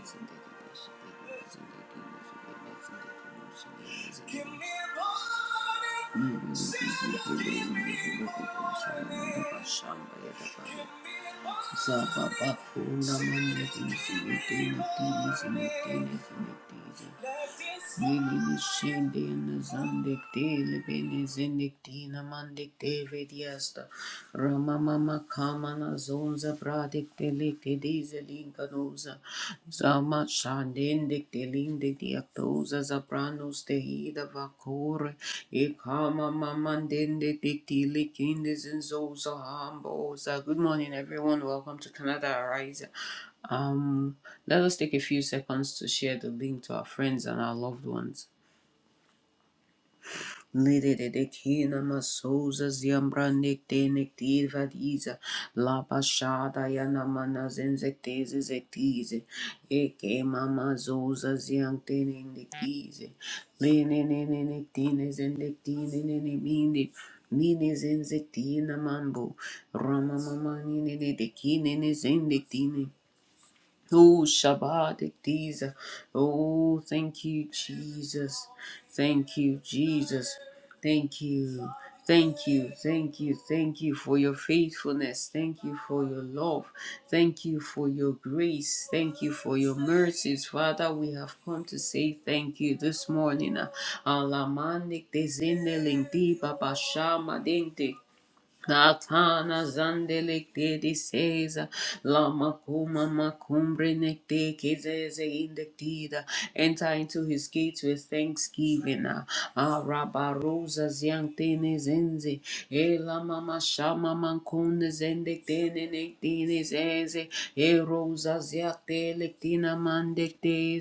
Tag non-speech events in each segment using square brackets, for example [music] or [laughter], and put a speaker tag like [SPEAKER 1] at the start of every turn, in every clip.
[SPEAKER 1] Give me more. Say you give Give me more. Zababa kuna mama Lili Mishende and Zandikte, Libene Zindiktina Mandikte Vidyasta, Ramamama Kamana Zonza Pradikte Likte Dize Zama Shandindikte Lindiktiaktoza Zapranos Tehida Vakore, Ekama Mamandindikti Likindizinzoza Hamboza. Good morning, everyone. Welcome to Canada Arise. Um, let us take a few seconds to share the link to our friends and our loved ones. [laughs] Lidididikina masoza ziambranekte nektir vadiza labashada mama zoza ziangtene nektize lene nene nektine Oh, Shabbat, Diza. Oh, thank you, Jesus. Thank you, Jesus. Thank you. Thank you, thank you, thank you for your faithfulness. Thank you for your love. Thank you for your grace. Thank you for your mercies. Father, we have come to say thank you this morning. Alamandik dezindeling di babashama Katana zandelik de diseza, lama kuma makumbre nekte kizeze indektida. Enter into his gates with thanksgiving. Arabarosa ziantene zenze, e lama mashama mankunde zendektene nektine zeze, e rosa ziate lektina mandekte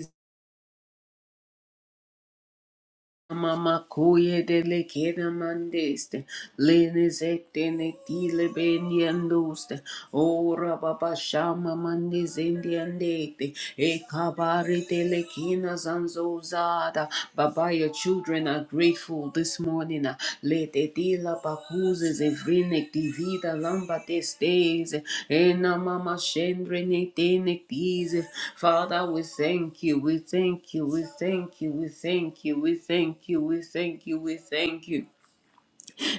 [SPEAKER 1] Mama koye dele kere mandeste, lene zette ne tile bendi anduste, ora baba shama mandi zendi andete, e kabare dele kina zanzo zada. Baba, your children are grateful grateful this morning. uh, Le te di la pakuzes evrinek di vida lamba testes. Ena mama shendre ne te nek Father, we thank you, we thank you, we thank you, we thank you, we thank you, we thank you, we thank you.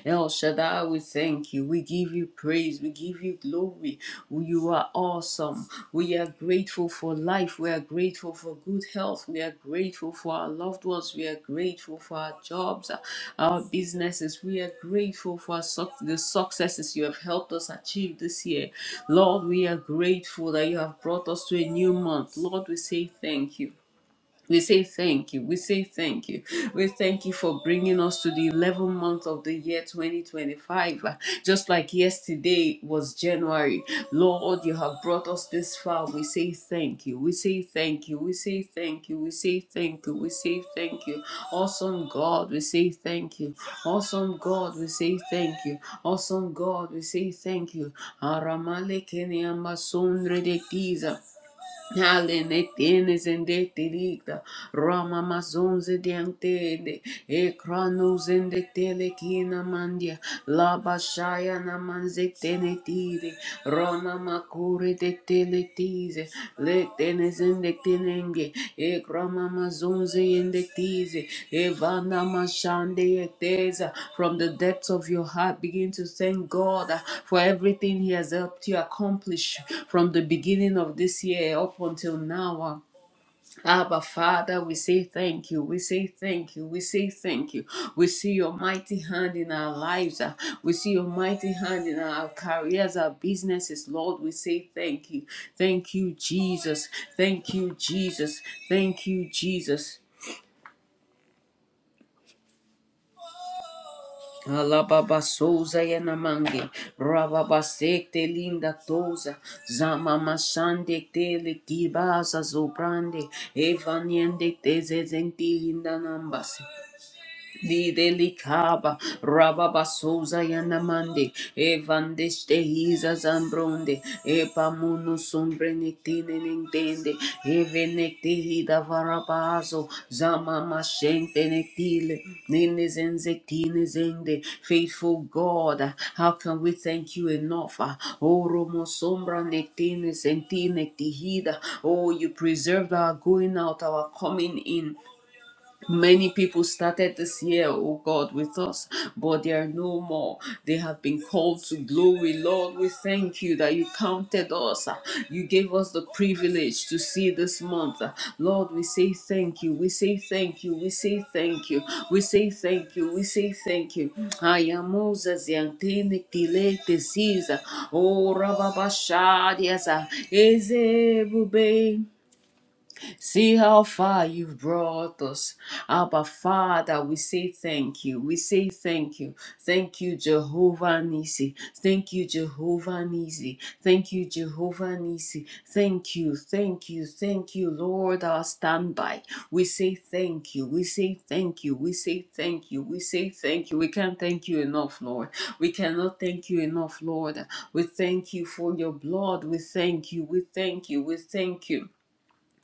[SPEAKER 1] El Shaddai, we thank you. We give you praise. We give you glory. You are awesome. We are grateful for life. We are grateful for good health. We are grateful for our loved ones. We are grateful for our jobs, our businesses. We are grateful for suc the successes you have helped us achieve this year. Lord, we are grateful that you have brought us to a new month. Lord, we say thank you. We say thank you. We say thank you. We thank you for bringing us to the 11th month of the year 2025. Uh, Just like yesterday was January. Lord, you have brought us this far. We say thank you. We say thank you. We say thank you. We say thank you. We say thank you. Awesome God, we say thank you. Awesome God, we say thank you. Awesome God, we say thank you. Aramale Kenya Masundre de Giza. Ale tienes en de tirita, Rama mazonze diantede, e cronus en de telekina mandia, la bashaya na manze tenetide, Rona macure de teletize, Le tenes zindekinenge ekrama mazunze yendektize evana mashande yeteza from the depths of your heart begin to thank God uh, for everything he has helped you accomplish from the beginning of this year up until now uh, Abba, Father, we say thank you. We say thank you. We say thank you. We see your mighty hand in our lives. uh, We see your mighty hand in our careers, our businesses. Lord, we say thank you. Thank you, Jesus. Thank you, Jesus. Thank you, Jesus. Alababa souza yanamange, rababa sekte linda toza, zama mashande tele kibaza zobrande, evaniende teze zenti linda nambas, Lidelikaba, Rababasuza Yanamande, Evandeste Hiza Zambronde, Epamuno Sombrenectine Nintende, Evenectihida Varabazo, Zama Mashente Nectile, Ninezenzectine Zende, Faithful God, how can we thank you enough? Oromo Sombra Nectine Sentine Tihida, oh, you preserved our going out, our coming in. Many people started this year, oh God, with us, but they are no more. They have been called to glory. Lord, we thank you that you counted us. You gave us the privilege to see this month. Lord, we say thank you. We say thank you. We say thank you. We say thank you. We say thank you. I am Moses, Yantini, Kile, Tesiza, Oh, Rababashadiasa, Ezebube. See how far you've brought us. Abba, Father, we say thank you. We say thank you. Thank you, Jehovah Nisi. Thank you, Jehovah Nisi. Thank you, Jehovah Nisi. Thank you, thank you, thank you, Lord, our standby. We say thank you. We say thank you. We say thank you. We say thank you. We can't thank you enough, Lord. We cannot thank you enough, Lord. We thank you for your blood. We thank you. We thank you. We thank you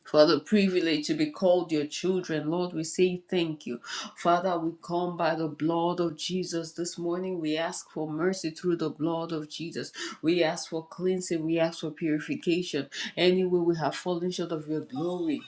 [SPEAKER 1] for the privilege to be called your children. Lord, we say thank you. Father, we come by the blood of Jesus this morning. We ask for mercy through the blood of Jesus. We ask for cleansing. We ask for purification. Anywhere we have fallen short of your glory.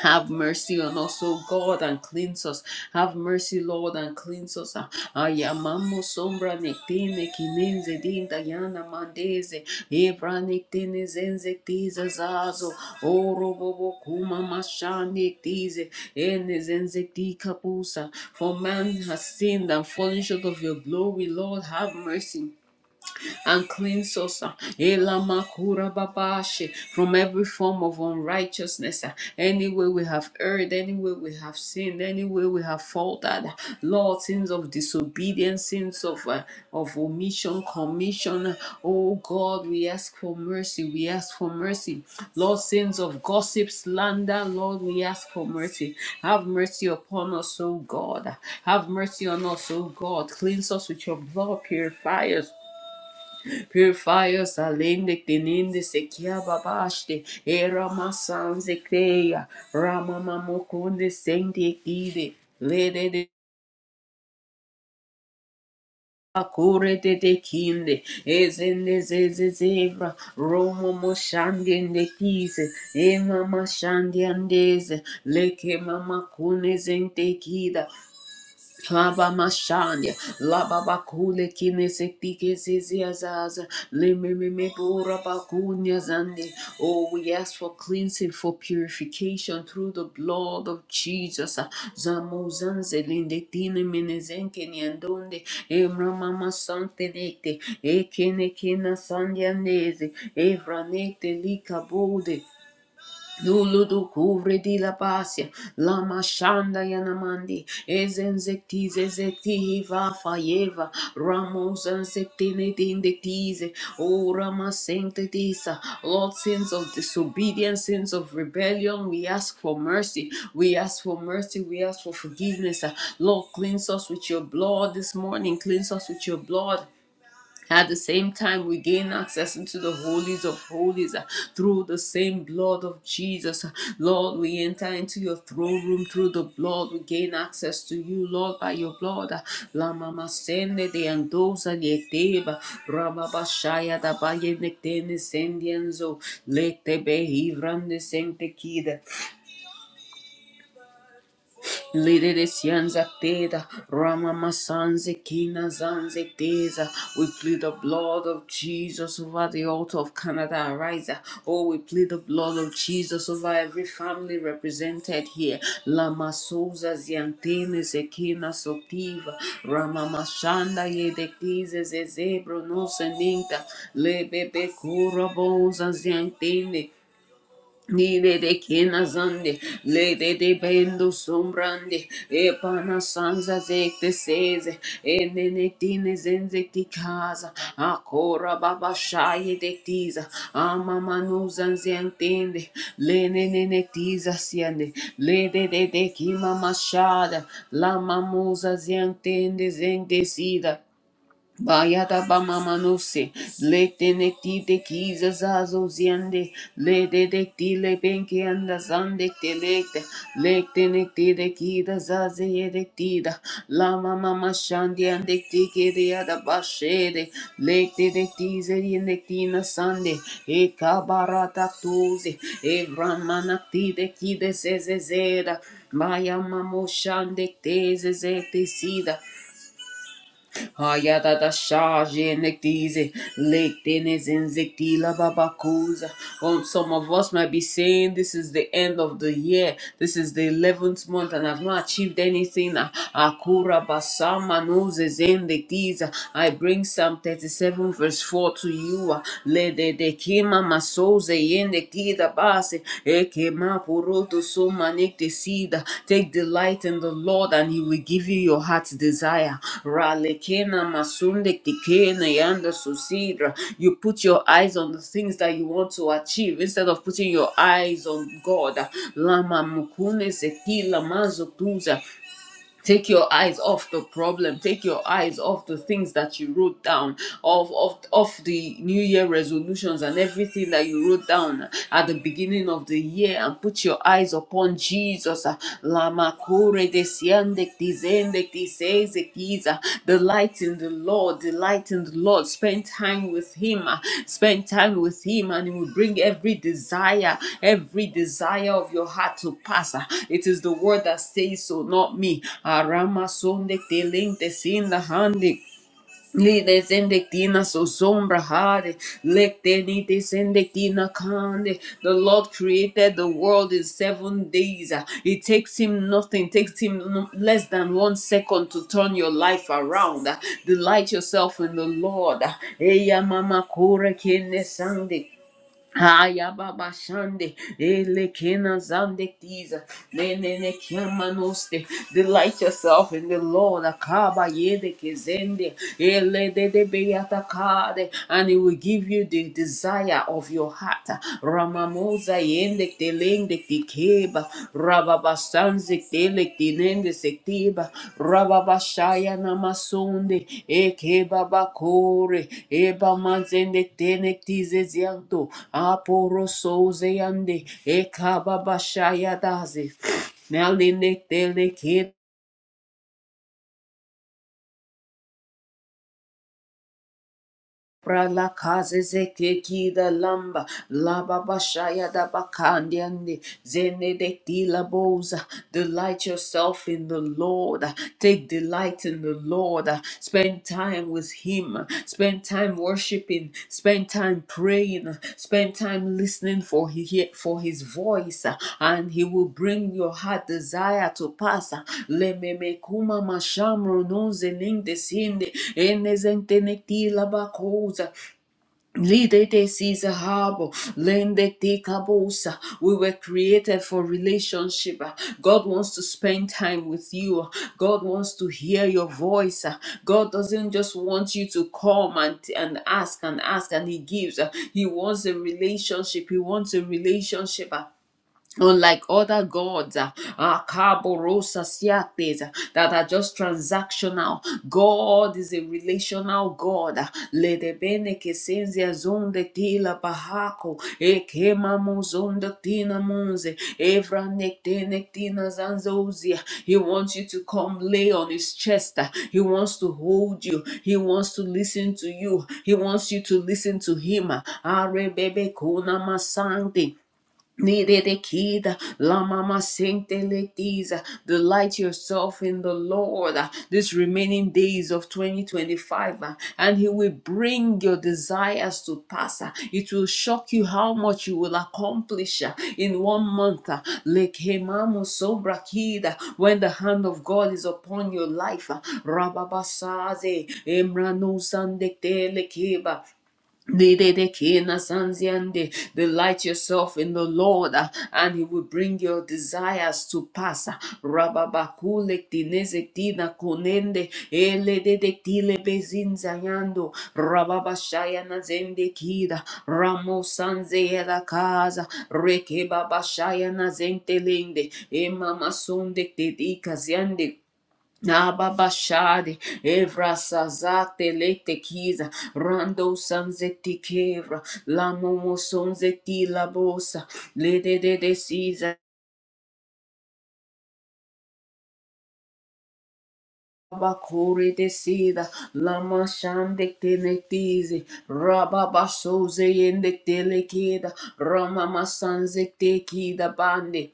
[SPEAKER 1] Have mercy on us, O God, and cleanse us. Have mercy, Lord, and cleanse us. Ayamamo sombra nectine kinenze din dayana mandeze. Ebra nectine zenze tiza zazo. Oro bobo kuma mashane tize. Ene zenze ti kapusa. For man has sinned and fallen short of your glory, Lord. Have mercy and cleanse us uh, Elamakura babashe, from every form of unrighteousness. uh, Any way we have erred, any way we have sinned, any way we have faltered. uh, Lord, sins of disobedience, sins of, uh, of omission, commission. uh, Oh God, we ask for mercy. We ask for mercy. Lord, sins of gossip, slander, Lord, we ask for mercy. Have mercy upon us, O God. Have mercy on us, O God. Cleanse us with your blood, purify us. Purify us, alendik dinindi sekia babashti, era masan zekreya, ramama mokunde sendi kide, lede de akure de de kinde, ezende zeze zebra, romo moshandi ende kise, e mama shandi andeze, leke mama kune zente kida, Laba mashanya, laba bakule kine sektike ziziazaz, lemememe bora bakunya zande. Oh, we ask for cleansing, for purification through the blood of Jesus. Zamozanze lindetine menezenke niandonde, emramama sante nekte, ekene kina sandianese, evranekte lika Luludu kuvre di la pasia, lama shanda yanamandi, ezenzekti zezekti va fayeva, ramos anzektine dindektize, o rama sanctitisa, Lord, sins of disobedience, sins of rebellion, we ask for mercy, we ask for mercy, we ask for forgiveness. Lord, cleanse us with your blood this morning, cleanse us with your blood, at the same time, we gain access into the holies of holies uh, through the same blood of Jesus. Lord, we enter into your throne room through the blood. We gain access to you, Lord, by your blood. La mama sende de andosa yeteba. Rababa da baye nektene sendienzo. Lete be hivrande sente kida, Lidere sianza teda, rama masanze kina zanze teza. We plead the blood of Jesus over the altar of Canada and Oh, we plead the blood of Jesus over every family represented here. Lama souza ziantene sekina sotiva, rama mashanda yedekize zezebro no seninta, lebebe kura boza ziantene. Nile de kenazande, le de de bendo sombrande, e pana sanza zekte seze, e nenetine zenzekti kaza, akora baba shaye de tiza, ama manuzan ziantende, le nenetiza siande, le de de de kima mashada, la mamuza ziantende zendecida, Bayada bamamanose, lete nekti te kiza zazo ziende, lete dekti le penke anda zande te lekte, lekte nekti de kida zaze ye dektida, la mama mashandi andekti kede yada bashede, lekte dekti zeri ye nektina sande, e kabarata tuze, e vran manakti de kide se zezeda, maya mamo shandekte ze sida, Hayada da shaje nektize, lektenes in zektila babakuza. Um, some of us might be saying this is the end of the year, this is the 11th month, and I've not achieved anything. Akura basama noses in nektiza. I bring Psalm 37 verse 4 to you. Lede de kima masoze yende kida base, eke ma poroto so manekte sida. Take delight in the Lord and he will give you your heart's desire. Ralekena masunde kikena yanda susidra. You put your eyes on the things that you want to achieve instead of putting your eyes on God. Lama mukune sekila mazo tuza. Take your eyes off the problem. Take your eyes off the things that you wrote down, off, off, off the New Year resolutions and everything that you wrote down at the beginning of the year and put your eyes upon Jesus. Lama kure de siende de zende, de Isaac is uh, delight in the Lord, delight in the Lord. Spend time with Him, uh, spend time with Him, and He will bring every desire, every desire of your heart to pass. uh. It is the word that says so, not me. Arama sonde telente sin la hande Lides endectina so sombra hade, lectenitis endectina cande. The Lord created the world in seven days. Ah, It takes him nothing, takes him no- less than one second to turn your life around. Ah, Delight yourself in the Lord. Ah, Eya mama kore kene sande Haya baba shande, ele kena zande tiza, ne ne ne kema noste. Delight yourself in the Lord, akaba yede kezende, ele de de beyata kade, and He will give you the desire of your heart. Ramamoza yende telende keba rababasanze tele tinende sektiba rababashaya namasunde ekeba bakore eba manzende tenektize zianto aporo souze yande ekaba bashaya daze Naline Prala kazeze keki da lamba, laba bashaya da bakandi ande, zene de tila boza. Delight yourself in the Lord. Take delight in the Lord. Spend time with Him. Spend time worshiping worshiping, spend time praying, spend time listening for his for his voice, uh, and he will bring your heart desire to pass. uh. Lememekuma mashamro nonze ninde sinde, enezente nekti labakoza. Lidetes is a harbor. Lende te kabosa. We were created for relationship. God wants to spend time with you. God wants to hear your voice. God doesn't just want you to come and, and ask and ask and He gives. He wants a relationship. He wants a relationship unlike other gods uh, uh, Kaborosa Siates, uh, that are just transactional god is a relational god uh, ledebene kesenzia zonde tila bahako ekema muzonda tina munze evra nekte nektina zanzozia he wants you to come lay on his chest uh, he wants to hold you he wants to listen to you he wants you to listen to him uh, arebebe kona masante Niririkida, Lamama Sinteletiza, delight yourself in the Lord uh, these remaining days of 2025, uh, and He will bring your desires to pass. uh, It will shock you how much you will accomplish uh, in one month. uh, Lekemamo Sobrakida, When the hand of God is upon your life, uh, Rababasaze, Emrano Sandektelekeba, Nidedekina sanziande. Delight yourself in the Lord, uh, and He will bring your desires to pass. Rababakulek dinezek dina konende elededekile bezinzayando rababashaya nazende kida ramo sanzeyeda kaza rekebabashaya nazentelende emama sondek dedikaziande Ababashade, Evra Sazate Lete Kiza, Rando Sanzeti Kevra, Lamomo Sonzeti Labosa, Lede de de Siza. Bakuri de Sida, Lama Shande Tenetize, Rababa Soze in Telekida, Rama Sanze Tekida bande,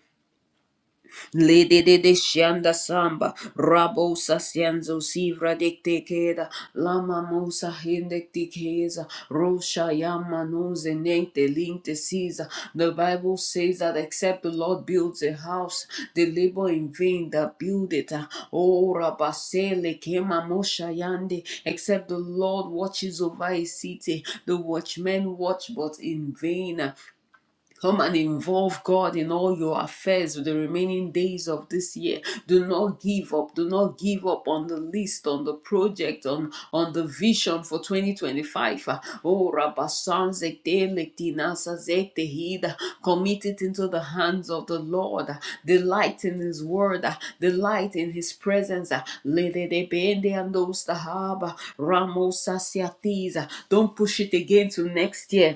[SPEAKER 1] Lede de de shanda samba, rabo sasianzo sivra dikte keda, lama musa hindekti keza, rosha yama nose nente linte siza. The Bible says that except the Lord builds a house, they labor in vain that build it. Oh, rabasele kema mosha yande, except the Lord watches over his city, the watchmen watch but in vain. Come and involve God in all your affairs with the remaining days of this year. Do not give up. Do not give up on the list, on the project, on, on the vision for 2025. Uh, Oh, Rabbasan Zekte Lektinasa Zekte Hida. Commit it into the hands of the Lord. Uh, Delight in His word. Uh, Delight in His presence. Uh, Lede de Bende and Ostahaba. Ramos Sasiatiza. Don't push it again to next year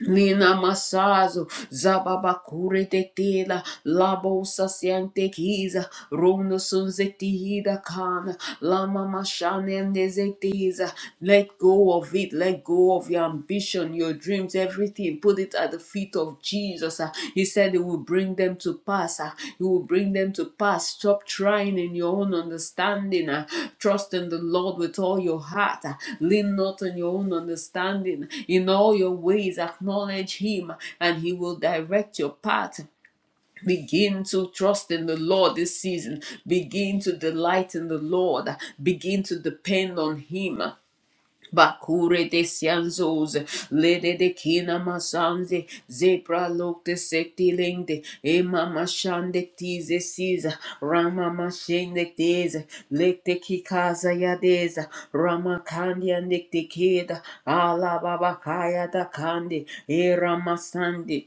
[SPEAKER 1] Nina Masazo, Zababakure de Tela, Labo Sasiante Kiza, Rono Sunzetida Kana, Lama Mashanende Zetiza. Let go of it, let go of your ambition, your dreams, everything. Put it at the feet of Jesus. ah. He said he will bring them to pass. ah. He will bring them to pass. Stop trying in your own understanding. ah. Trust in the Lord with all your heart. ah. Lean not on your own understanding. In all your ways, acknowledge him and he will direct your path. Begin to trust in the Lord this season. Begin to delight in the Lord. Begin to depend on Him. Bakure de Sianzos, Lede de Kina Masanze, Zebra Lok de Sektilinde, Ema Mashande Tize Siza, Rama Mashende Teza, Lekte Kikaza Yadeza, Rama Kandia Nekte Keda, Ala Baba Kaya da Kandi, E Ramasande,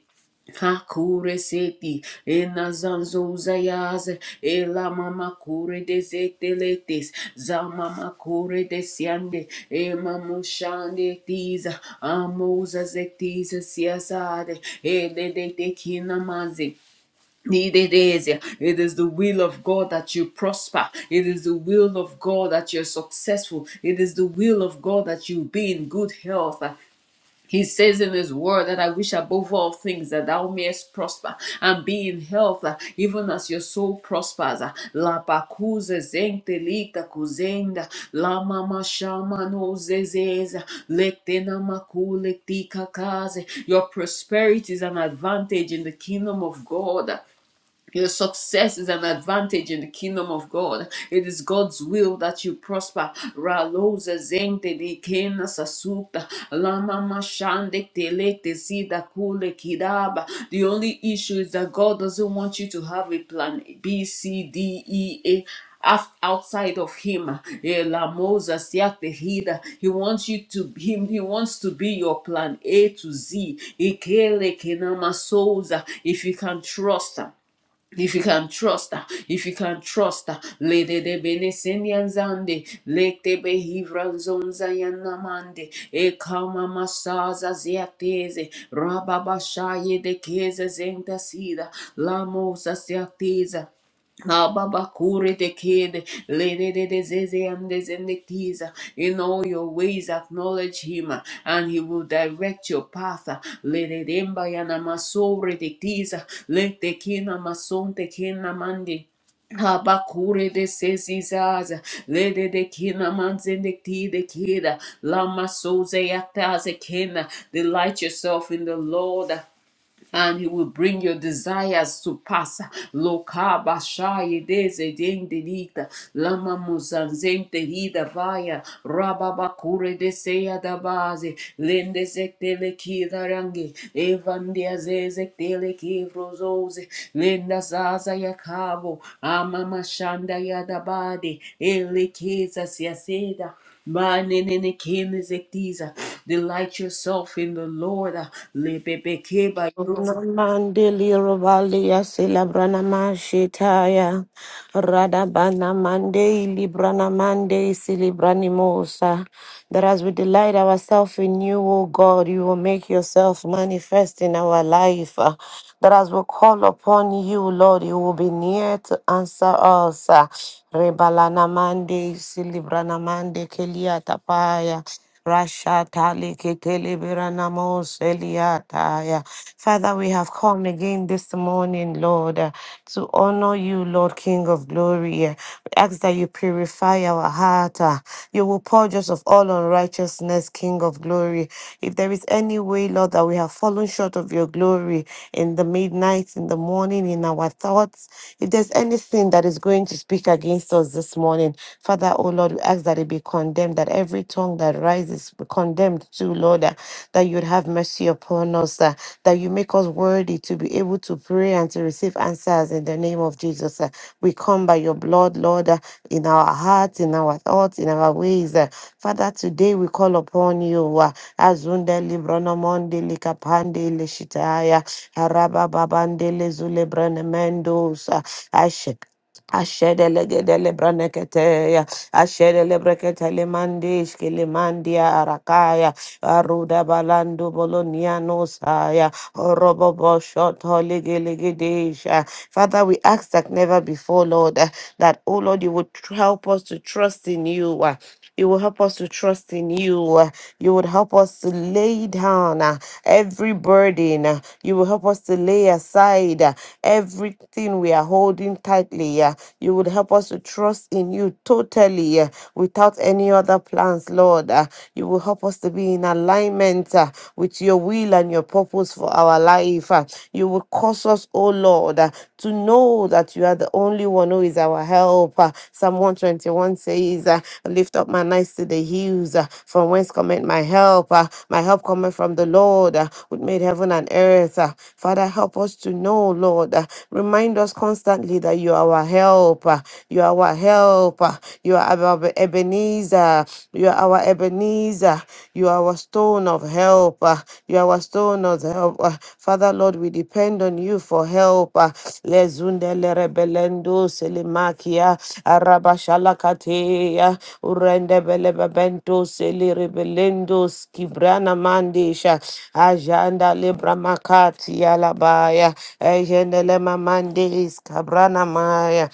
[SPEAKER 1] Hakure seti ena zanzo zayaze ela mama kure deseteletes za mama kure desiande e mamu shande tiza amoza zetiza siasade e de de de kinamazi Nidedezia. It is the will of God that you prosper. It is the will of God that you're successful. It is the will of God that you be in good health. He says in his word that I wish above all things that thou mayest prosper and be in health, uh, even as your soul prospers. uh. La pacuza zente lita cuzenda, la mama shama no zezeza, lectena macule tica case. Your prosperity is an advantage in the kingdom of God. Your success is an advantage in the kingdom of God. It is God's will that you prosper. Raloza zente di kena sasuta. Lama mashande telete zida kule kidaba. The only issue is that God doesn't want you to have a plan B, C, D, E, A. af- Outside of him, Eh, Lamoza siate hida. he wants you to be him. He wants to be your plan A to Z. Ikele kenama souza. If you can trust him. If you can trust her, if you can trust her, Lady de Benesinian Zande, Lete Behivra Zonzayana Mande, Ekama Masaza Ziatese, Rababashaye de Kese Zenta Sida, Lamosa Ziatesa, Ababakure the kid, lady de zeze and de zende In all your ways acknowledge him, and he will direct your path. Lady demba yana masore de kiza, let the kina mason te kina mandi. Habakure de sesizaza, lede de kina manzende ki de kida, lama soze yataze kina. Delight yourself in the Lord, and He will bring your desires to pass. Lokaba shaye dezedendelita, lama muzanzentelida vaya, rababa kure deseya dabaze, lende zektele kidarange, evandia zezektele kivrozoze, lenda zaza yakabo, amama shanda yadabade, elekeza siaseda. Manenekemezektiza. Delight yourself in the Lord. Lebebekebayosa.
[SPEAKER 2] Mandeli Rovalia Celebrana Mashetaya Radabana Mande Librana Mande Celebranimosa. That as we delight ourselves in you, O God, you will make yourself manifest in our life. Uh, That as we call upon you, Lord, you will be near to answer us. Uh, Rebalana Mande Celebrana Mande Kelia Tapaya. Rashatali keteleberanamo seliataya. Father, we have come again this morning, Lord, uh, to honor you, Lord King of glory. Uh, We ask that you purify our heart. uh, You will purge us of all unrighteousness, King of glory. If there is any way, Lord, that we have fallen short of your glory in the midnight, in the morning, in our thoughts, if there's anything that is going to speak against us this morning, Father, oh Lord, we ask that it be condemned, that every tongue that rises be condemned to, Lord, uh, that you'd have mercy upon us, uh, that you make us worthy to be able to pray and to receive answers in the name of Jesus. uh. We come by your blood, Lord, uh, in our hearts, in our thoughts, in our ways. uh. Father, today we call upon you. uh, Azunde libronomonde likapande lishitaya. Araba babande lezule brenemendos. uh, Ashe- Ashedele braneketeya, ashedele breketele mandish kilimandia arakaya, aruda balando bolonianosaya, orobo boshot holigiligidisha. Father, we ask that never before, Lord, eh, that, oh Lord, you would tr- help us to trust in you. You will help us to trust in you. uh, You would help us to lay down uh, every burden. uh, You will help us to lay aside uh, everything we are holding tightly. uh, You would help us to trust in you totally uh, without any other plans, Lord. uh, You will help us to be in alignment uh, with your will and your purpose for our life. uh, You will cause us, oh Lord. Lord, uh, to know that you are the only one who is our help. Uh, Psalm 121 says, uh, Lift up my eyes to the hills, uh, from whence cometh my help. Uh, My help cometh from the Lord, uh, who made heaven and earth. Uh, Father, help us to know, Lord. uh, Remind us constantly that you are our help. uh, You are our help. uh, You are our Ebenezer. You are our Ebenezer. You are our stone of help. uh, You are our stone of help. uh. Father, Lord, we depend on you for help. uh. Lezundele rebelendo selimakia arabashalakatea urende belebebento seli rebelendo skibrana mandisha ajanda libra makati alabaya ejendele mamandis kabrana maya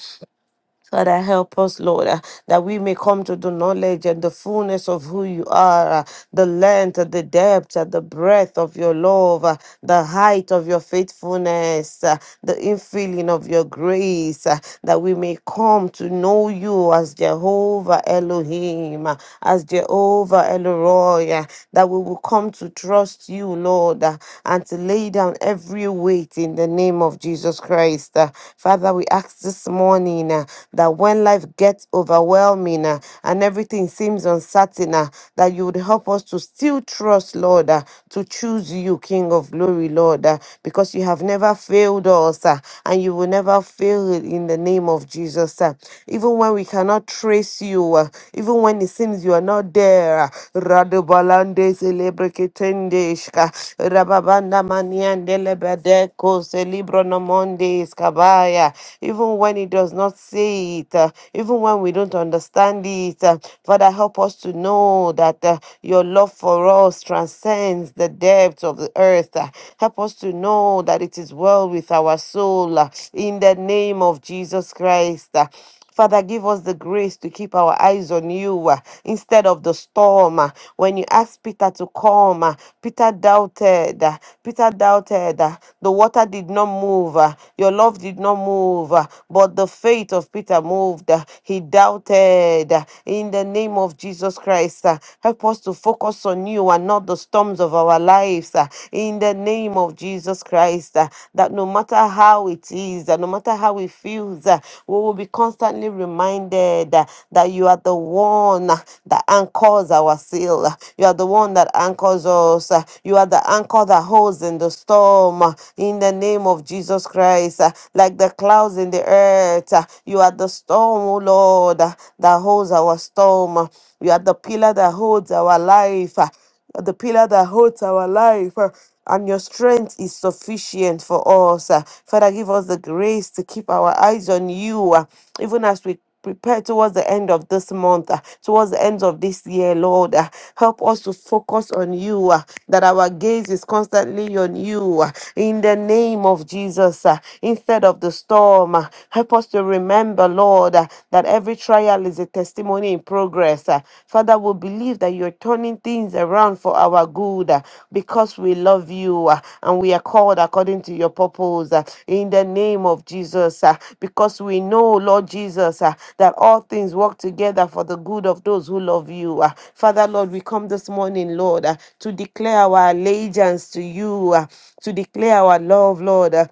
[SPEAKER 2] Father, help us, Lord, uh, that we may come to the knowledge and the fullness of who you are, uh, the length, uh, the depth, uh, the breadth of your love, uh, the height of your faithfulness, uh, the infilling of your grace, uh, that we may come to know you as Jehovah Elohim, uh, as Jehovah Elroy, uh, that we will come to trust you, Lord, uh, and to lay down every weight in the name of Jesus Christ. uh. Father, we ask this morning planning, uh, that when life gets overwhelming uh, and everything seems uncertain, uh, that you would help us to still trust, Lord, uh, to choose you, King of glory, Lord, uh, because you have never failed us uh, and you will never fail in the name of Jesus. uh. Even when we cannot trace you, uh, even when it seems you are not there, uh, Radobalande celebreketende ishka, Rababanda maniandele bedeko celebronomonde iskabaya. even when even when He does not say it, uh, even when we don't understand it. uh, Father, help us to know that uh, your love for us transcends the depths of the earth. uh, help us to know that it is well with our soul uh, in the name of Jesus Christ. uh, Father, give us the grace to keep our eyes on you uh, instead of the storm. uh. When you asked Peter to come, uh, Peter doubted. uh, Peter doubted. uh, The water did not move. uh, Your love did not move. uh, But the faith of Peter moved. uh, He doubted. uh, In the name of Jesus Christ, uh, help us to focus on you and not the storms of our lives. uh, In the name of Jesus Christ, uh, uh, that no matter how it is, uh, no matter how it feels, uh, we will be constantly reminded uh, that you are the one uh, that anchors our sail. uh, You are the one that anchors us. uh, You are the anchor that holds in the storm. uh, In the name of Jesus Christ, uh, like the clouds in the earth, uh, you are the storm, oh Lord, uh, that holds our storm. uh, You are the pillar that holds our life. uh, the pillar that holds our life, uh, and your strength is sufficient for us. uh. Father, give us the grace to keep our eyes on you, uh, even as we prepare towards the end of this month, uh, towards the end of this year, Lord. uh. Help us to focus on you, uh, that our gaze is constantly on you, uh, in the name of Jesus, uh, instead of the storm. uh. Help us to remember, Lord, uh, that every Every trial is a testimony in progress. Uh, Father, we believe that you're turning things around for our good uh, because we love you uh, and we are called according to your purpose uh, in the name of Jesus. uh, Because we know, Lord Jesus, uh, that all things work together for the good of those who love you. uh. Father, Lord, we come this morning, Lord, uh, to declare our allegiance to you, uh, to declare our love, Lord. uh,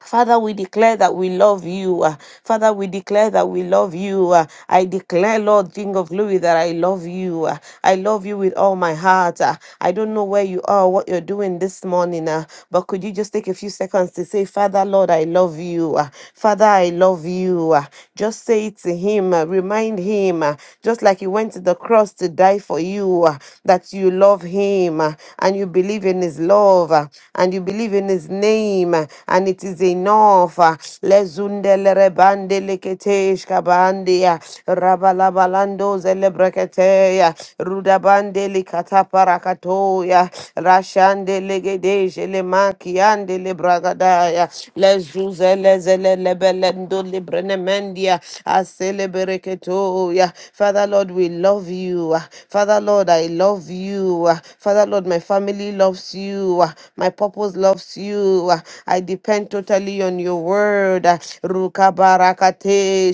[SPEAKER 2] Father, we declare that we love you. uh, Father, we declare that we love you. uh, I declare, Lord, King of glory, that I love you. uh, I love you with all my heart. uh, I don't know where you are, what you're doing this morning, uh, but could you just take a few seconds to say, Father, Lord, I love you. uh, Father, I love you. uh, Just say it to Him. uh, Remind Him, uh, just like He went to the cross to die for you, uh, that you love Him uh, and you believe in His love. uh, and and you believe in his name and it is enough. Lezundele rebande leketesh kabandia rabalabalando zelebreketeya rudabande likataparakatoya rashande legedesh lemakiande lebragadaya lezuzelezele lebelendo librenemendia aselebereketoya. Father Lord, we love you. Father Lord, I love you. Father Lord, Lord, my family loves you. Ah, My purpose loves you. Ah, I depend totally on your word. Ah, Rukabarakatesha,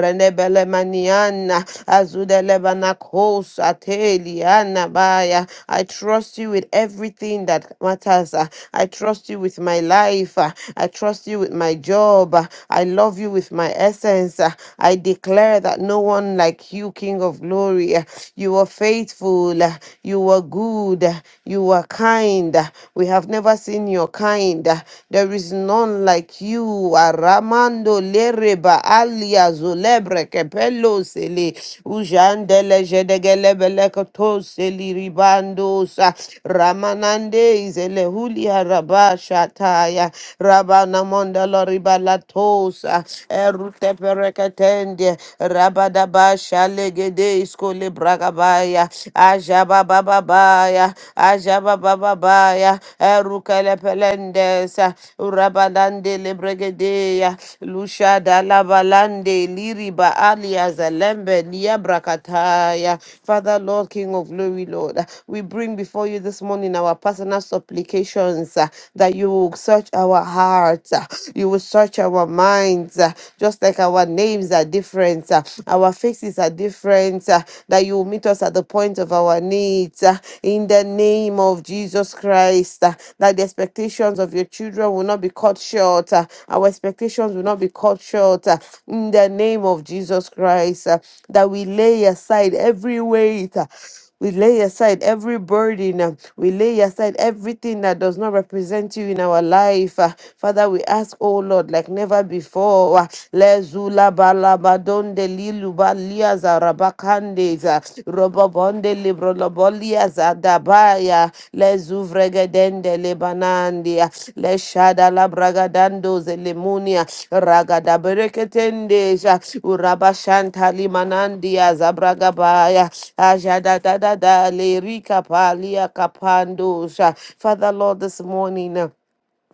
[SPEAKER 2] Renebele Maniana, Azudelebanakos, Ateliana Baya. I trust you with everything that matters. Ah, I trust you with my life. Ah, I trust you with my job. Ah, I love you with my essence. Ah, I declare that no one like you, King of Glory. Ah, You are faithful faithful. You are good. You are kind. We have never seen your kind. There is none like you. Aramando lereba alia zulebre kepelo sele ujandele jedegelebele koto seli ribando sa ramanande izele hulia rabashataya rabana mondalo ribala erute pereketende rabada Ashalegede iskole bragabaya. Ajababababaya. Ajababababaya. Erukele pelendesa. Urabadande lebregedeya. Lusha dalabalande liriba alias alembe niabrakataya. Father, Lord, King of glory, Lord, we bring before you this morning our personal supplications uh, that you will search our hearts, uh, you will search our minds, uh, just like our our names are different, uh, our faces are different, uh, that you will meet us at the point of our needs uh, in the name of Jesus Christ, uh, that the expectations of your children will not be cut short, uh, our expectations will not be cut short uh, in the name of Jesus Christ, uh, that we lay aside every weight. uh, we lay aside every burden. uh, We lay aside everything that does not represent you in our life. uh, Father, we ask, oh Lord, like never before. uh, Lezula balabadonde lilubalia zarabakande, uh, robobonde librolobolias adabaya, le zuvregedende le banandia le shada la bragadando zelemunia ragada bereketende sha urabashanta limanandia zabragabaya ajada da da da le rika palia kapando Father Lord this morning uh,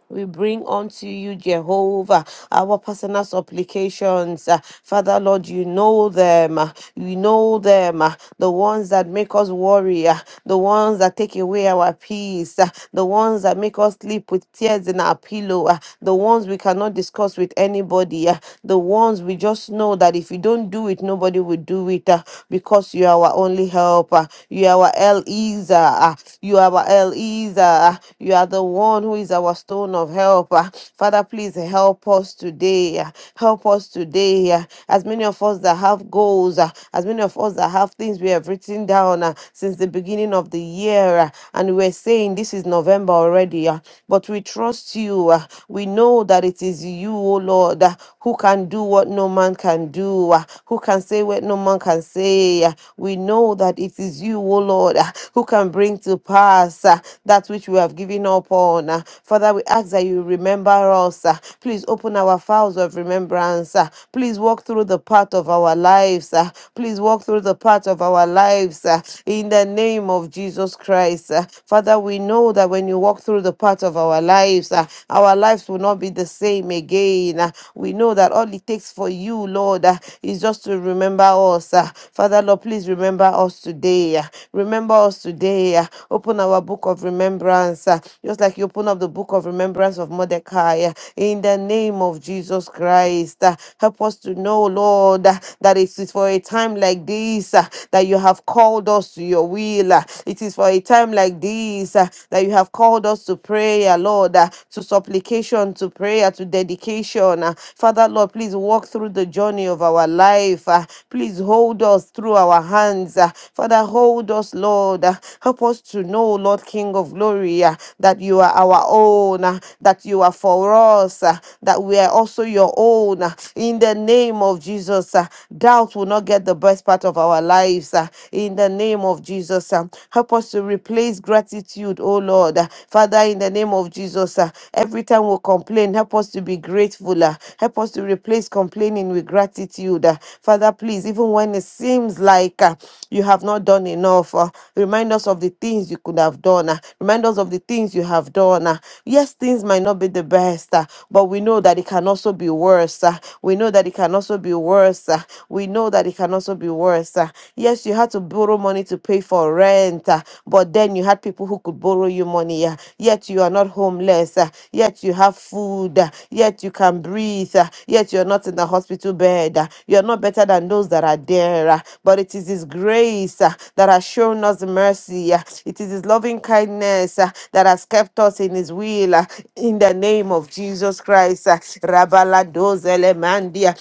[SPEAKER 2] we bring unto you, Jehovah, our personal supplications. Uh, Father, Lord, you know them. uh, You know them. uh, The ones that make us worry. uh, The ones that take away our peace. uh, The ones that make us sleep with tears in our pillow. uh, The ones we cannot discuss with anybody. uh, The ones we just know that if you don't do it, nobody will do it uh, because you are our only helper. You are our El Ezer. You are our Eliezer. You are the one who is our stone of help. Ah, Father, please help us today. Ah, Help us today. Ah, As many of us that have goals, ah, as many of us that have things we have written down ah, since the beginning of the year, ah, and we're saying this is November already, ah, but we trust you. ah, We know that it is you, O Lord, ah, who can do what no man can do, ah, who can say what no man can say today. Uh, We know that it is you, O Lord, uh, who can bring to pass uh, that which we have given up on. Uh, Father, we ask that you remember us. Uh, Please open our files of remembrance. Uh, Please walk through the path of our lives. Uh, Please walk through the path of our lives uh, in the name of Jesus Christ. Uh, Father, we know that when you walk through the path of our lives, uh, our lives will not be the same again. Uh, We know that all it takes takes for you, Lord, uh, is just to remember us. uh. Father, Lord, please remember us today. uh. Remember us today. uh. Open our book of remembrance, uh, just like you open up the book of remembrance of Mordecai. uh, In the name of Jesus Christ, uh. help us to know, Lord, uh, that it is for a time like this uh, that you have called us to your will. uh. It is for a time like this uh, that you have called us to prayer, Lord, uh, to supply supplication to prayer to dedication. Uh, Father, Lord, please walk through the journey of our life. Uh, Please hold us through our hands. Uh, Father, hold us, Lord. Uh, Help us to know, Lord King of glory, uh, that you are our own, uh, that you are for us, uh, that we are also your own. uh, In the name of Jesus, uh, doubt will not get the best part of our lives. uh, In the name of Jesus, uh, help us to replace gratitude, oh Lord. Uh, Father, in the name of Jesus, uh, every time we complain, help us to be grateful. uh, Help us to replace complaining with gratitude. uh. Father, please, even when it seems like uh, you have not done enough, uh, remind us of the things you could have done. uh, Remind us of the things you have done. uh. Yes, things might not be the best, uh, but we know that it can also be worse. uh. We know that it can also be worse. uh. We know that it can also be worse. uh. Yes, you had to borrow money to pay for rent, uh, but then you had people who could borrow you money. uh, Yet you are not homeless. uh, Yet you have food. uh, Yet you can breathe. uh, Yet you're not in the hospital bed. uh, You're not better than those that are there. uh, But it is His grace uh, that has shown us mercy. uh, It is His loving kindness uh, that has kept us in His will. uh, In the name of Jesus Christ. uh, Rabaladozelemandia.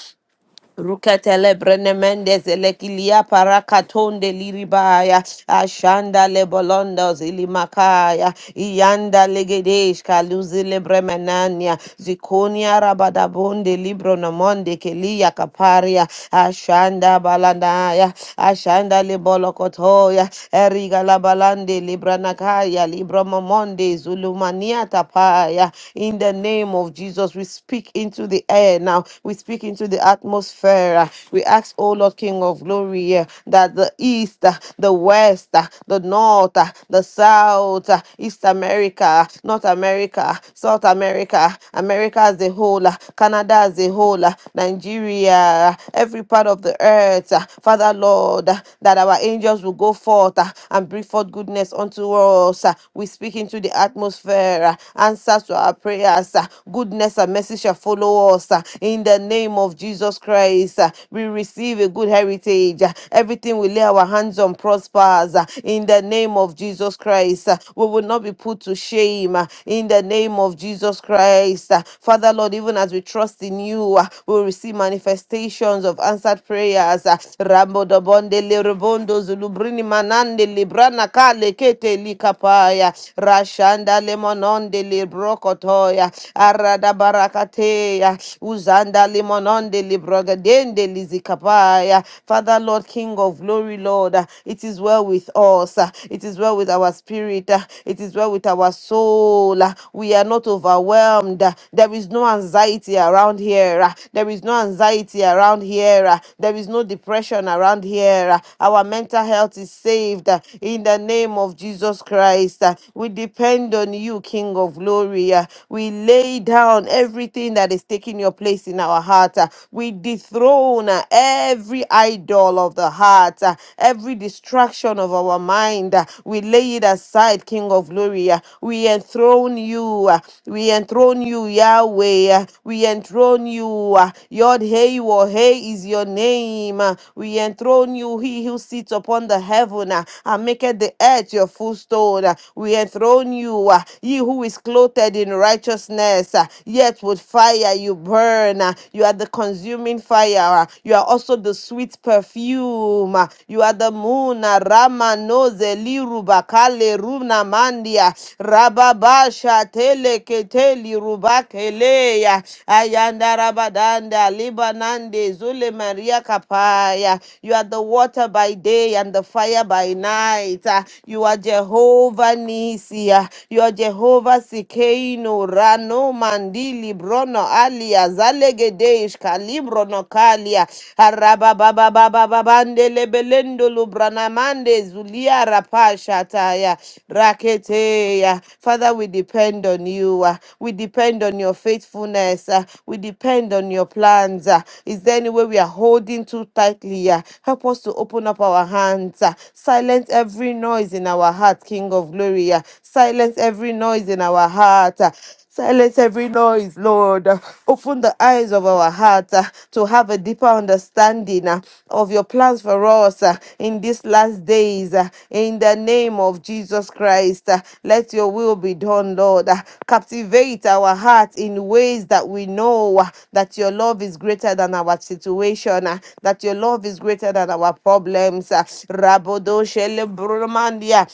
[SPEAKER 2] Rukatele brenemende zelekilia parakatonde liribaya ashanda lebolondo zilimakaya iyanda legedesh kaluzi lebremenania zikonia rabadabonde libronomonde kelia kaparia ashanda balanaya ashanda lebolokotoya eriga labalande libranakaya libromomonde zulumania tapaya in the name of Jesus we speak into the air now we speak speak into the atmosphere. uh, We ask, O Lord King of glory, uh, that the east, uh, the west, uh, the north, uh, the south, uh, East America, uh, North America, South America, America as a whole, uh, Canada as a whole, uh, Nigeria, uh, every part of the earth, uh, Father Lord, uh, that our angels will go forth uh, and bring forth goodness unto us. uh, We speak into the atmosphere, uh, answers to our prayers, uh, goodness and mercy shall follow us us uh, in the name of Jesus Christ. uh, We receive a good heritage. uh, Everything we lay our hands on prospers uh, in the name of Jesus Christ. uh, We will not be put to shame uh, in the name of Jesus Christ. uh, Father Lord, even as we trust in you, uh, we will receive manifestations of answered prayers. uh, Rambo dobonde zulubrini manande librana kale kete likapaya rashanda le mononde le barakateya uzanda limononde librogadende lizikapaya father lord king of glory lord uh, it is well with us uh, it is well with our spirit uh, it is well with our soul uh, we are not overwhelmed uh, there is no anxiety around here uh, there is no anxiety around here uh, there is no depression around here uh, our mental health is saved uh, in the name of jesus christ uh, we depend on you king of glory uh, we we lay down everything that is taking your place in our heart. uh, We dethrone uh, every idol of the heart, uh, every distraction of our mind. uh, We lay it aside, King of glory. uh, We enthrone you. uh, We enthrone you, Yahweh. uh, We enthrone you. uh, Yod Hey Hey is your name. uh, We enthrone you, He who sits upon the heaven uh, and maketh the earth your footstool. uh, We enthrone you, uh, He who is clothed clothed in righteousness, uh, yet with fire you burn. uh, You are the consuming fire. uh, You are also the sweet perfume. uh, You are the moon. uh, Rama no zeli rubakale runa mandia. Rababasha tele keteli rubakeleya. Ayanda rabadanda libanande zule maria kapaya. You are the water by day and the fire by night. uh, You are Jehovah Nisi. uh, You you are Jehovah Sikeino, Rano Mandili, Brono Alia, Zalegedeish, Calibro no Kalia Araba Baba Arabababababande, Lebelendo, Lubranamande, Zulia Rapashataya, Raketeya. Father, we depend on you. uh, We depend on your faithfulness. uh, We depend on your plans. uh. Is there any way we are holding too tightly? uh? Help us to open up our hands. uh, Silence every noise in our heart, King of Glory glory. uh, Silence every noise in our heart. uh, Silence every noise, Lord. Uh, Open the eyes of our heart uh, to have a deeper understanding uh, of your plans for us uh, in these last days. uh, In the name of Jesus Christ, uh, let your will be done, Lord. Uh, Captivate our heart in ways that we know uh, that your love is greater than our situation, uh, that your love is greater than our problems. uh, Rabodo Shele Brumandia.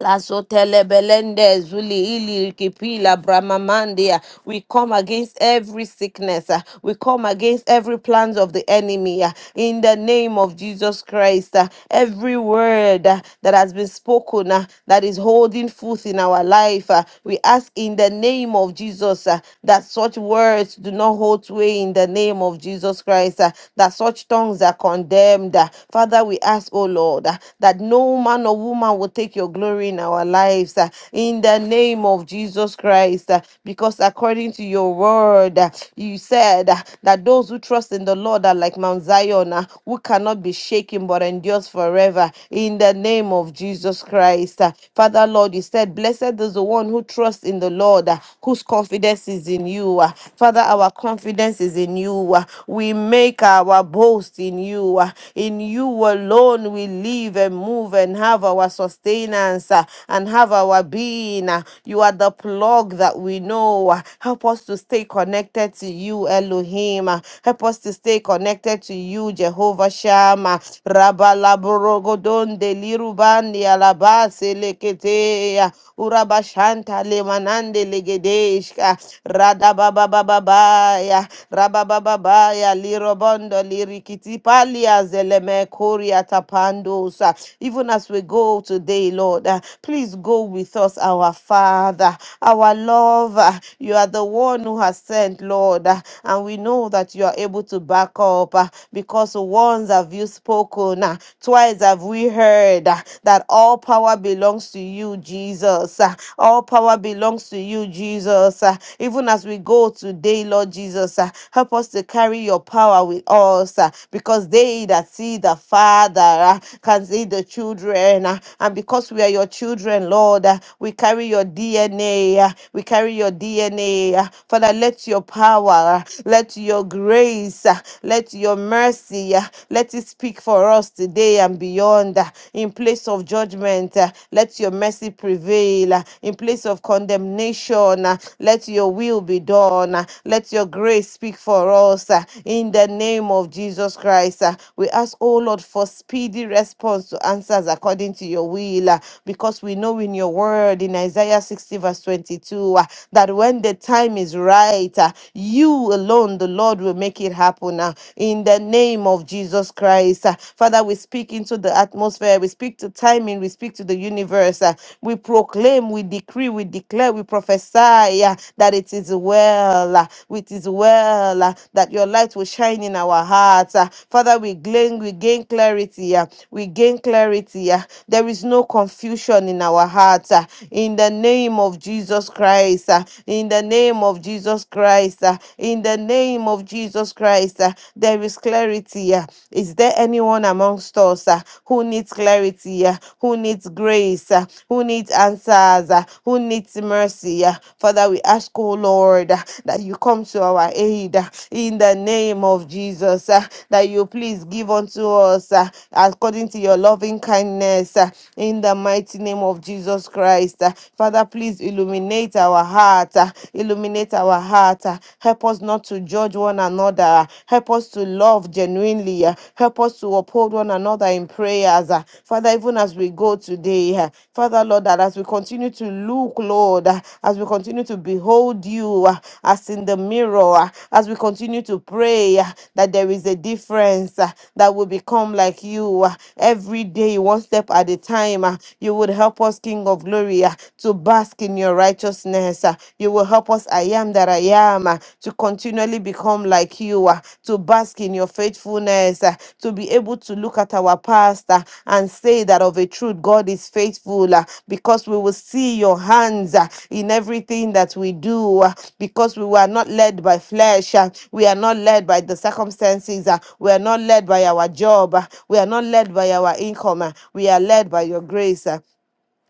[SPEAKER 2] La sotele belende zuli ili kipila bramamandia. We come against every sickness. uh, We come against every plans of the enemy uh, in the name of Jesus Christ. uh, Every word uh, that has been spoken uh, that is holding forth in our life, uh, we ask in the name of Jesus uh, that such words do not hold sway in the name of Jesus Christ. uh, That such tongues are condemned. uh. Father, we ask, oh Lord, uh, that no man or woman will take your glory glory in our lives uh, in the name of Jesus Christ. uh, Because according to your word, uh, you said uh, that those who trust in the Lord are like Mount Zion, uh, who cannot be shaken but endures forever in the name of Jesus Christ. uh. Father, Lord, you said, Blessed is the one who trusts in the Lord, uh, whose confidence is in you. uh. Father, our confidence is in you. uh. We make our boast in you. uh. In you alone we live and move and have our sustenance us uh, and have our being. uh, You are the plug that we know. uh, Help us to stay connected to you, Elohim. uh, Help us to stay connected to you, Jehovah Shammah. Rabalaborogodon delirubandi alabase leketea. Urabashanta lemanande legedeshka. Radababababaya. Rababababaya lirobondo lirikitipalia zelemekoria tapandosa. Even as we go today, Lord. Hallelujah. Please go with us, our Father, our lover. You are the one who has sent, Lord. uh, And we know that you are able to back up uh, because once have you spoken, uh, twice have we heard uh, that all power belongs to you, Jesus. uh, All power belongs to you, Jesus. uh, Even as we go today, Lord Jesus, uh, help us to carry your power with us uh, because they that see the Father uh, can see the children. uh, And because we are your your children, Lord. Uh, We carry your DNA. uh, We carry your DNA. uh, Father, let your power, uh, let your grace, uh, let your mercy, uh, let it speak for us today and beyond. uh, In place of judgment, uh, let your mercy prevail. uh, In place of condemnation, uh, let your will be done. uh, Let your grace speak for us. uh, In the name of Jesus Christ, uh, we ask, oh Lord, for speedy response to answers according to your will. uh, because we know in your word in Isaiah 60, verse 22, uh, that when the time is right, uh, you alone, the Lord, will make it happen uh, in the name of Jesus Christ. uh. Father, we speak into the atmosphere, we speak to timing, we speak to the universe, uh, we proclaim, we decree, we declare, we prophesy uh, that it is well, uh, it is well, uh, that your light will shine in our hearts. uh. Father, we gain, we gain clarity, uh, we gain clarity. uh. There is no confusion solution in our hearts ah, in the name of Jesus Christ. ah, In the name of Jesus Christ. ah, In the name of Jesus Christ. ah, There is clarity. ah. Is there anyone amongst us ah, who needs clarity, ah, who needs grace, ah, who needs answers, ah, who needs mercy? ah? Father, we ask, oh Lord, ah, that you come to our aid ah, in the name of Jesus, ah, that you please give unto us ah, according to your loving kindness. ah, in the mighty mighty name of Jesus Christ. Uh, Father, please illuminate our heart. uh, Illuminate our heart. uh, Help us not to judge one another. uh, Help us to love genuinely. uh, Help us to uphold one another in prayers. uh, Father, even as we go today, uh, Father, Lord, that as we continue to look, Lord, uh, as we continue to behold you uh, as in the mirror, uh, as we continue to pray, uh, that there is a difference, uh, that will become like you uh, every day, one step at a time. uh, You would help us, King of glory, ah, to bask in your righteousness. ah. You will help us, I am that I am, ah, to continually become like you, ah, to bask in your faithfulness, ah, to be able to look at our past ah, and say that of a truth, God is faithful, ah, because we will see your hands ah, in everything that we do, ah, because we were not led by flesh, ah, we are not led by the circumstances, ah, we are not led by our job, ah, we are not led by our income, ah, we are led by your grace. ah.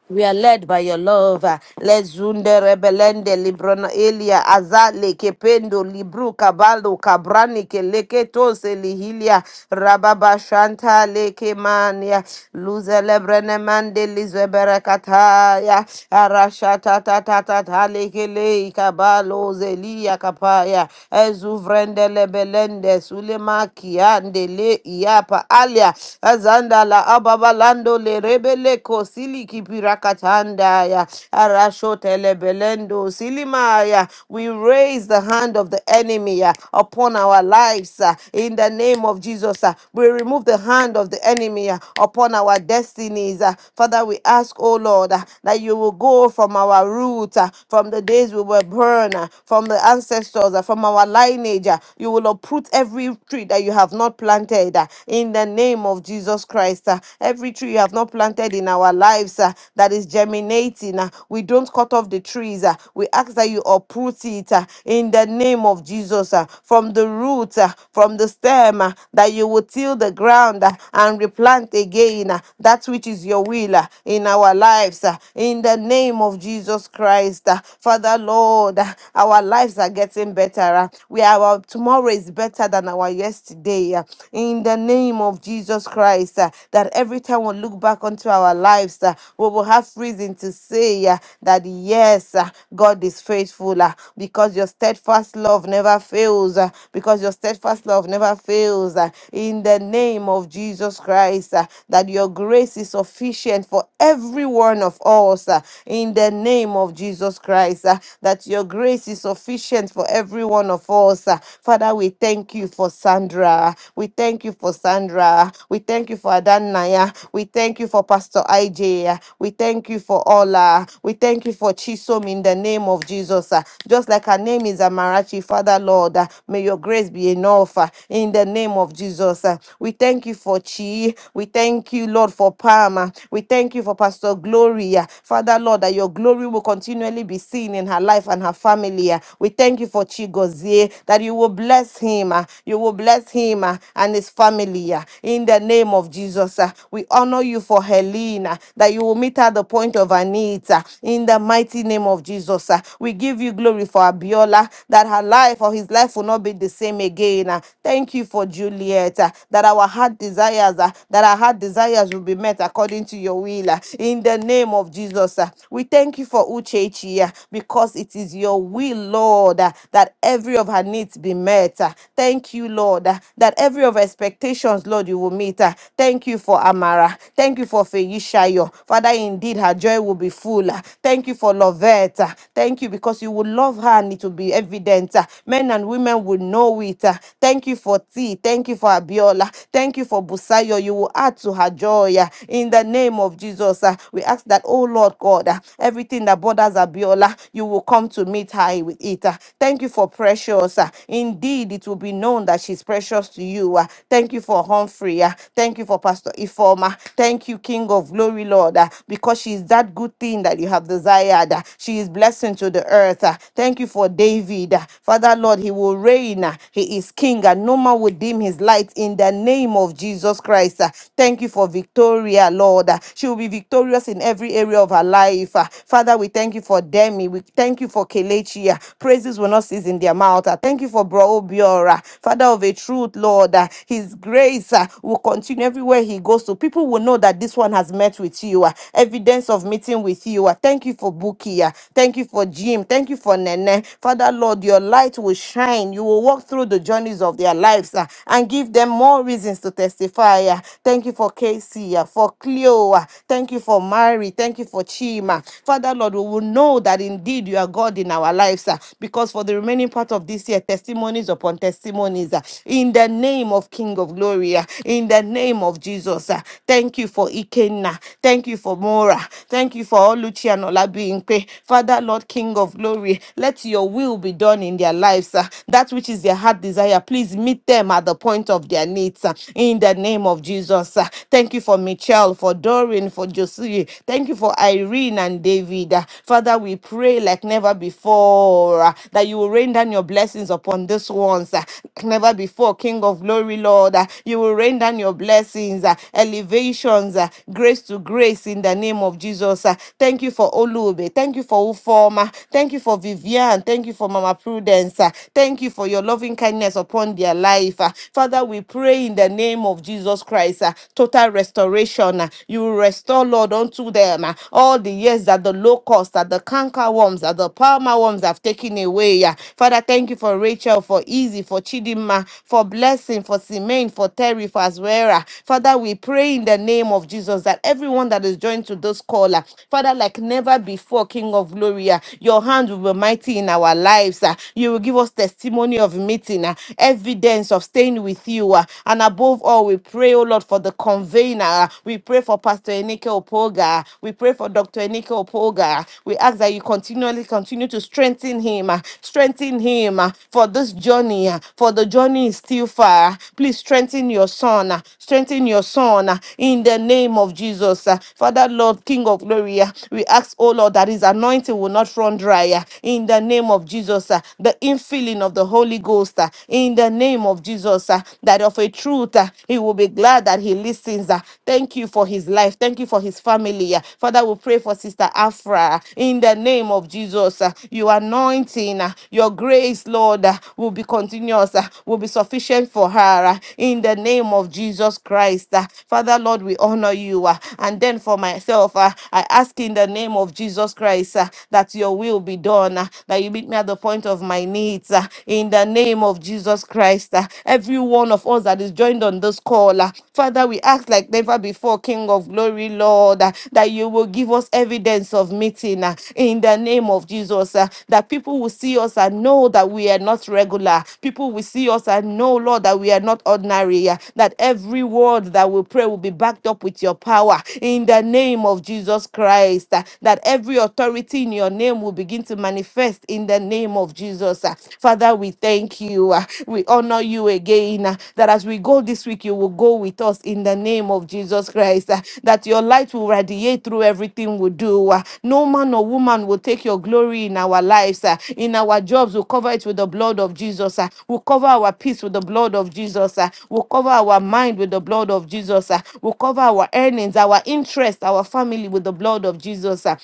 [SPEAKER 2] We are led by your love. Lezunde rebelende librona elia azale kependo libru kabalo kabrani keleke tose lihilia rababa shanta leke mania luze lebrene mande lizebere kataya arashata ta ta ta leke lei kabalo zelia kapaya ezuvrende lebelende sulemaki ande le iapa alia azanda la ababalando le rebele ko sili kipirakatanda ya arasho telebelendo silimaya. We raise the hand of the enemy uh, upon our lives uh, in the name of Jesus. uh, We remove the hand of the enemy uh, upon our destinies. uh. Father, we ask, oh Lord, uh, that you will go from our root, uh, from the days we were born, uh, from the ancestors, uh, from our lineage. uh, You will uproot every tree that you have not planted uh, in the name of Jesus. Jesus Christ. uh, Every tree you have not planted in our lives uh, that is germinating, uh, we don't cut off the trees. uh, We ask that you uproot it uh, in the name of Jesus uh, from the root, uh, from the stem, uh, that you will till the ground uh, and replant again uh, that which is your will uh, in our lives uh, in the name of Jesus Christ. uh, Father, Lord, uh, our lives are getting better. uh, We are, our tomorrow is better than our yesterday. uh, in in the name of Jesus Christ. uh, That every time we look back onto our lives, uh, we will have reason to say uh, that yes, uh, God is faithful uh, because your steadfast love never fails, uh, because your steadfast love never fails. uh, In the name of Jesus Christ, uh, that your grace is sufficient for every one of us. uh, In the name of Jesus Christ, uh, that your grace is sufficient for every one of us. uh. Father, we thank you you for Sandra. We thank you for Sandra. We thank you for Adanaya. We thank you for Pastor IJ. We thank you for Ola. We thank you for Chisom in the name of Jesus. Uh, Just like her name is Amarachi, Father Lord, uh, may your grace be enough uh, in the name of Jesus. Uh, We thank you for Chi. We thank you, Lord, for Palma. We thank you for Pastor Gloria. Father Lord, that your glory will continually be seen in her life and her family. Uh, We thank you for Chigozie yea, that you will bless him, uh, you will bless him uh, and his family uh, in the name of Jesus. uh, We honor you for Helena, that you will meet her at the point of her needs uh, in the mighty name of Jesus. uh, We give you glory for Abiola, that her life or his life will not be the same again. uh, Thank you for Juliet, uh, that our heart desires, uh, that our heart desires will be met according to your will uh, in the name of Jesus. uh, We thank you for Uchechi uh, because it is your will we, Lord, uh, that every of her needs be met. uh, Thank you, Lord, uh, that every of her expectations, Lord, you will meet. uh, Thank you for Amara. Thank you for Feyishayo. Father, indeed, her joy will be full. uh, Thank you for Lovette. uh, Thank you because you will love her and it will be evident. uh, Men and women will know it. uh, Thank you for T. Thank you for Abiola. Thank you for Busayo. You will add to her joy. uh, In the name of Jesus, uh, we ask that, oh Lord God, uh, everything that borders her Abiola, you will come to meet her with it. ah. Thank you for precious. ah. Indeed, it will be known that she's precious to you. ah. Thank you for Humphrey. ah. Thank you for Pastor Ifoma. Thank you, King of Glory, Lord, ah, because she is that good thing that you have desired. ah. She is blessing to the earth. ah. Thank you for David. ah. Father, Lord, he will reign. ah. He is king, and no man will dim his light in the name of Jesus Christ. ah. Thank you for Victoria, Lord. ah. She will be victorious in every area of her life life. Ah, Father, we thank you for Demi. We thank you for Kelechi. Ah, Praises will not cease in their mouth. Ah, Thank you for Bro Biora, Father of a truth, Lord. Ah, His grace ah, will continue everywhere he goes to. People will know that this one has met with you. Ah, Evidence of meeting with you. Ah, Thank you for Buki. Ah, Thank you for Jim. Thank you for Nene. Father, Lord, your light will shine. You will walk through the journeys of their lives ah, and give them more reasons to testify. ah. Thank you for Casey, ah, for Cleo. ah. Thank you for Mary. Thank you for Chima. Father, Lord, we will know that indeed you are God in our lives ah, because for the remaining part of this year, testimonies upon testimonies ah, in the name of King of Glory, ah, in the name of Jesus. ah. Thank you for Ikenna. Thank you for Mora. Thank you for Oluchi and Olabimpe. Father, Lord, King of Glory, let your will be done in their lives. ah. That which is their heart desire, please meet them at the point of their needs ah, in the name of Jesus. ah. Thank you for Michelle, for Doreen, for Josie. Thank you for Irene and David. Uh, Father, we pray like never before uh, that you will rain down your blessings upon this ones. uh, Like never before, King of glory, Lord. uh, You will rain down your blessings, uh, elevations, uh, grace to grace in the name of Jesus. uh. Thank you for Olube. Thank you for Ufoma. Thank you for Vivian. Thank you for Mama Prudence. uh. Thank you for your loving kindness upon their life. uh. Father, we pray in the name name of Jesus Christ, ah, total restoration. ah. You will restore, Lord, unto them ah, all the years that the locusts, that the canker worms, that the palmer worms have taken away. ah. Father, thank you for Rachel, for Easy, for Chidima, for Blessing, for Simeon, for Terry, for Azuera. Father, we pray in the name of Jesus that everyone that is joined to this call, ah, Father, like never before, King of Glory, ah, your hand will be mighty in our lives. ah. You will give us testimony of meeting, ah, evidence evidence of staying with you. ah. and above all, we pray, oh Lord, for the convener. ah. we pray for Pastor Enike Opoga. ah. we pray for Dr. Enike Opoga. ah. we ask that you continually continue to strengthen him, ah. strengthen him ah, for this journey, ah, for the journey is still far. ah. Please strengthen your son, ah. strengthen your son ah, in the name of Jesus. ah. Father, Lord, King of glory, ah, we ask, oh Lord, that his anointing will not run dry ah, in the name of Jesus. ah. the infilling of the Holy Holy Ghost uh, in the name of Jesus, uh, that of a truth uh, he will be glad that he listens. uh. Thank you for his life. Thank you for his family. uh. Father, we pray for Sister Afra uh, in the name of Jesus. uh, Your anointing, uh, your grace, Lord, uh, will be continuous, uh, will be sufficient for her uh, in the name of Jesus Christ. uh. Father, Lord, we honor you. uh, And then for myself, uh, I ask in the name of Jesus Christ uh, that your will be done, uh, that you meet me at the the point of my needs uh, in the name of Jesus Christ. uh, Every one of us that is joined on this call, uh, Father, we ask like never before, King of glory, Lord, uh, that you will give us evidence of meeting uh, in the name of Jesus, uh, that people will see us and know that we are not regular. People will see us and know, Lord, that we are not ordinary, uh, that every word that we pray will be backed up with your power in the name of Jesus Christ, uh, that every authority in your name will begin to manifest in the name of Jesus. Uh, Father, we thank you. Uh, We honor you again. uh, That as we go this week, you will go with us in the name of Jesus Christ. uh, That your light will radiate through everything we do. uh, No man or woman will take your glory in our lives, uh, in our jobs. We'll cover it with the blood of Jesus. uh, We'll cover our peace with the blood of Jesus. uh, We'll cover our mind with the blood of Jesus. uh, We'll cover our earnings, our interest, our family with the blood of Jesus. uh,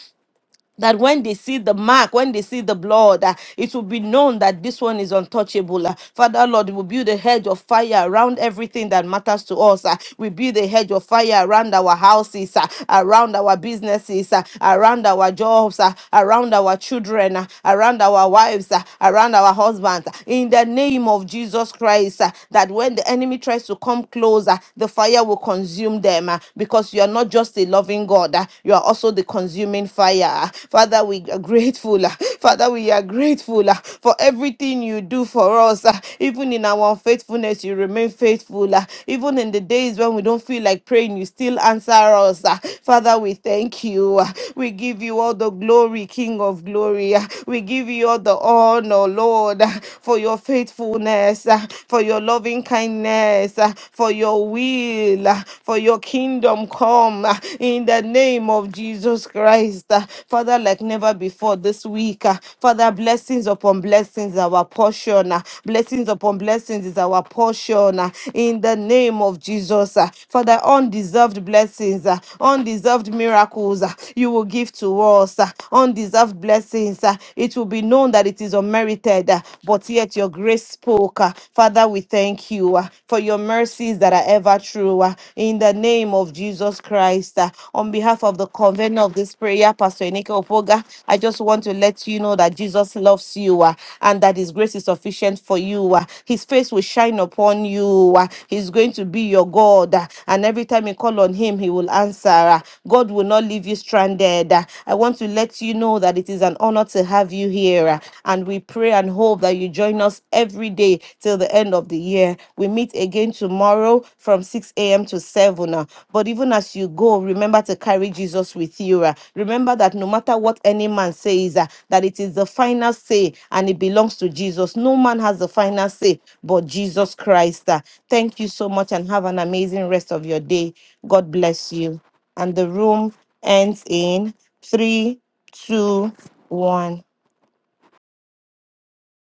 [SPEAKER 2] that when they see the mark, when they see the blood, uh, it will be known that this one is untouchable. Uh, Father Lord, we build a hedge of fire around everything that matters to us. uh, we build a hedge of fire around our houses, uh, around our businesses, uh, around our jobs, uh, around our children, uh, around our wives, uh, around our husbands. uh, in the name of Jesus Christ, uh, that when the enemy tries to come closer, the fire will consume them uh, because you are not just a loving living God. Uh, You are also the consuming fire. Uh, Father, we are grateful. uh, Father, we are grateful uh, for everything you do for us. uh, Even in our unfaithfulness, you remain faithful. uh, Even in the days when we don't feel like praying, you still answer us. uh, Father, we thank you. uh, We give you all the glory, King of glory. uh, We give you all the honor, Lord, uh, for your faithfulness, uh, for your loving kindness, uh, for your will will, uh, for your kingdom come uh, in the name of Jesus Christ. uh, Father, like never before this week, uh, Father, blessings upon blessings, our portion. uh, Blessings upon blessings is our portion uh, in the name of Jesus. uh, Father, undeserved blessings, uh, undeserved miracles uh, you will give to us, uh, undeserved blessings. uh, It will be known that it is unmerited, uh, but yet your grace spoke. uh, Father, we thank you thank you uh, for your mercies that are ever true. uh, In the name of Jesus Christ, uh, on behalf of the convener of this prayer, Pastor Enike Opoga, I just want to let you know that Jesus loves you uh, and that His grace is sufficient for you. uh, His face will shine upon you. uh, He's going to be your God, uh, and every time you call on Him, He will answer. uh, God will not leave you stranded. uh, I want to let you know that it is an honor to have you here, uh, and we pray and hope that you join join us every day till the end of the year. We meet again tomorrow from 6 a.m. to 7. uh. But even as you go, remember to carry Jesus with you. uh. Remember that no matter what any man says, uh, that it is the final say and it belongs to Jesus. No man has the final say but Jesus Christ. uh. Thank you so much and have an amazing rest of your day. God bless you. And the room ends in three, two, one.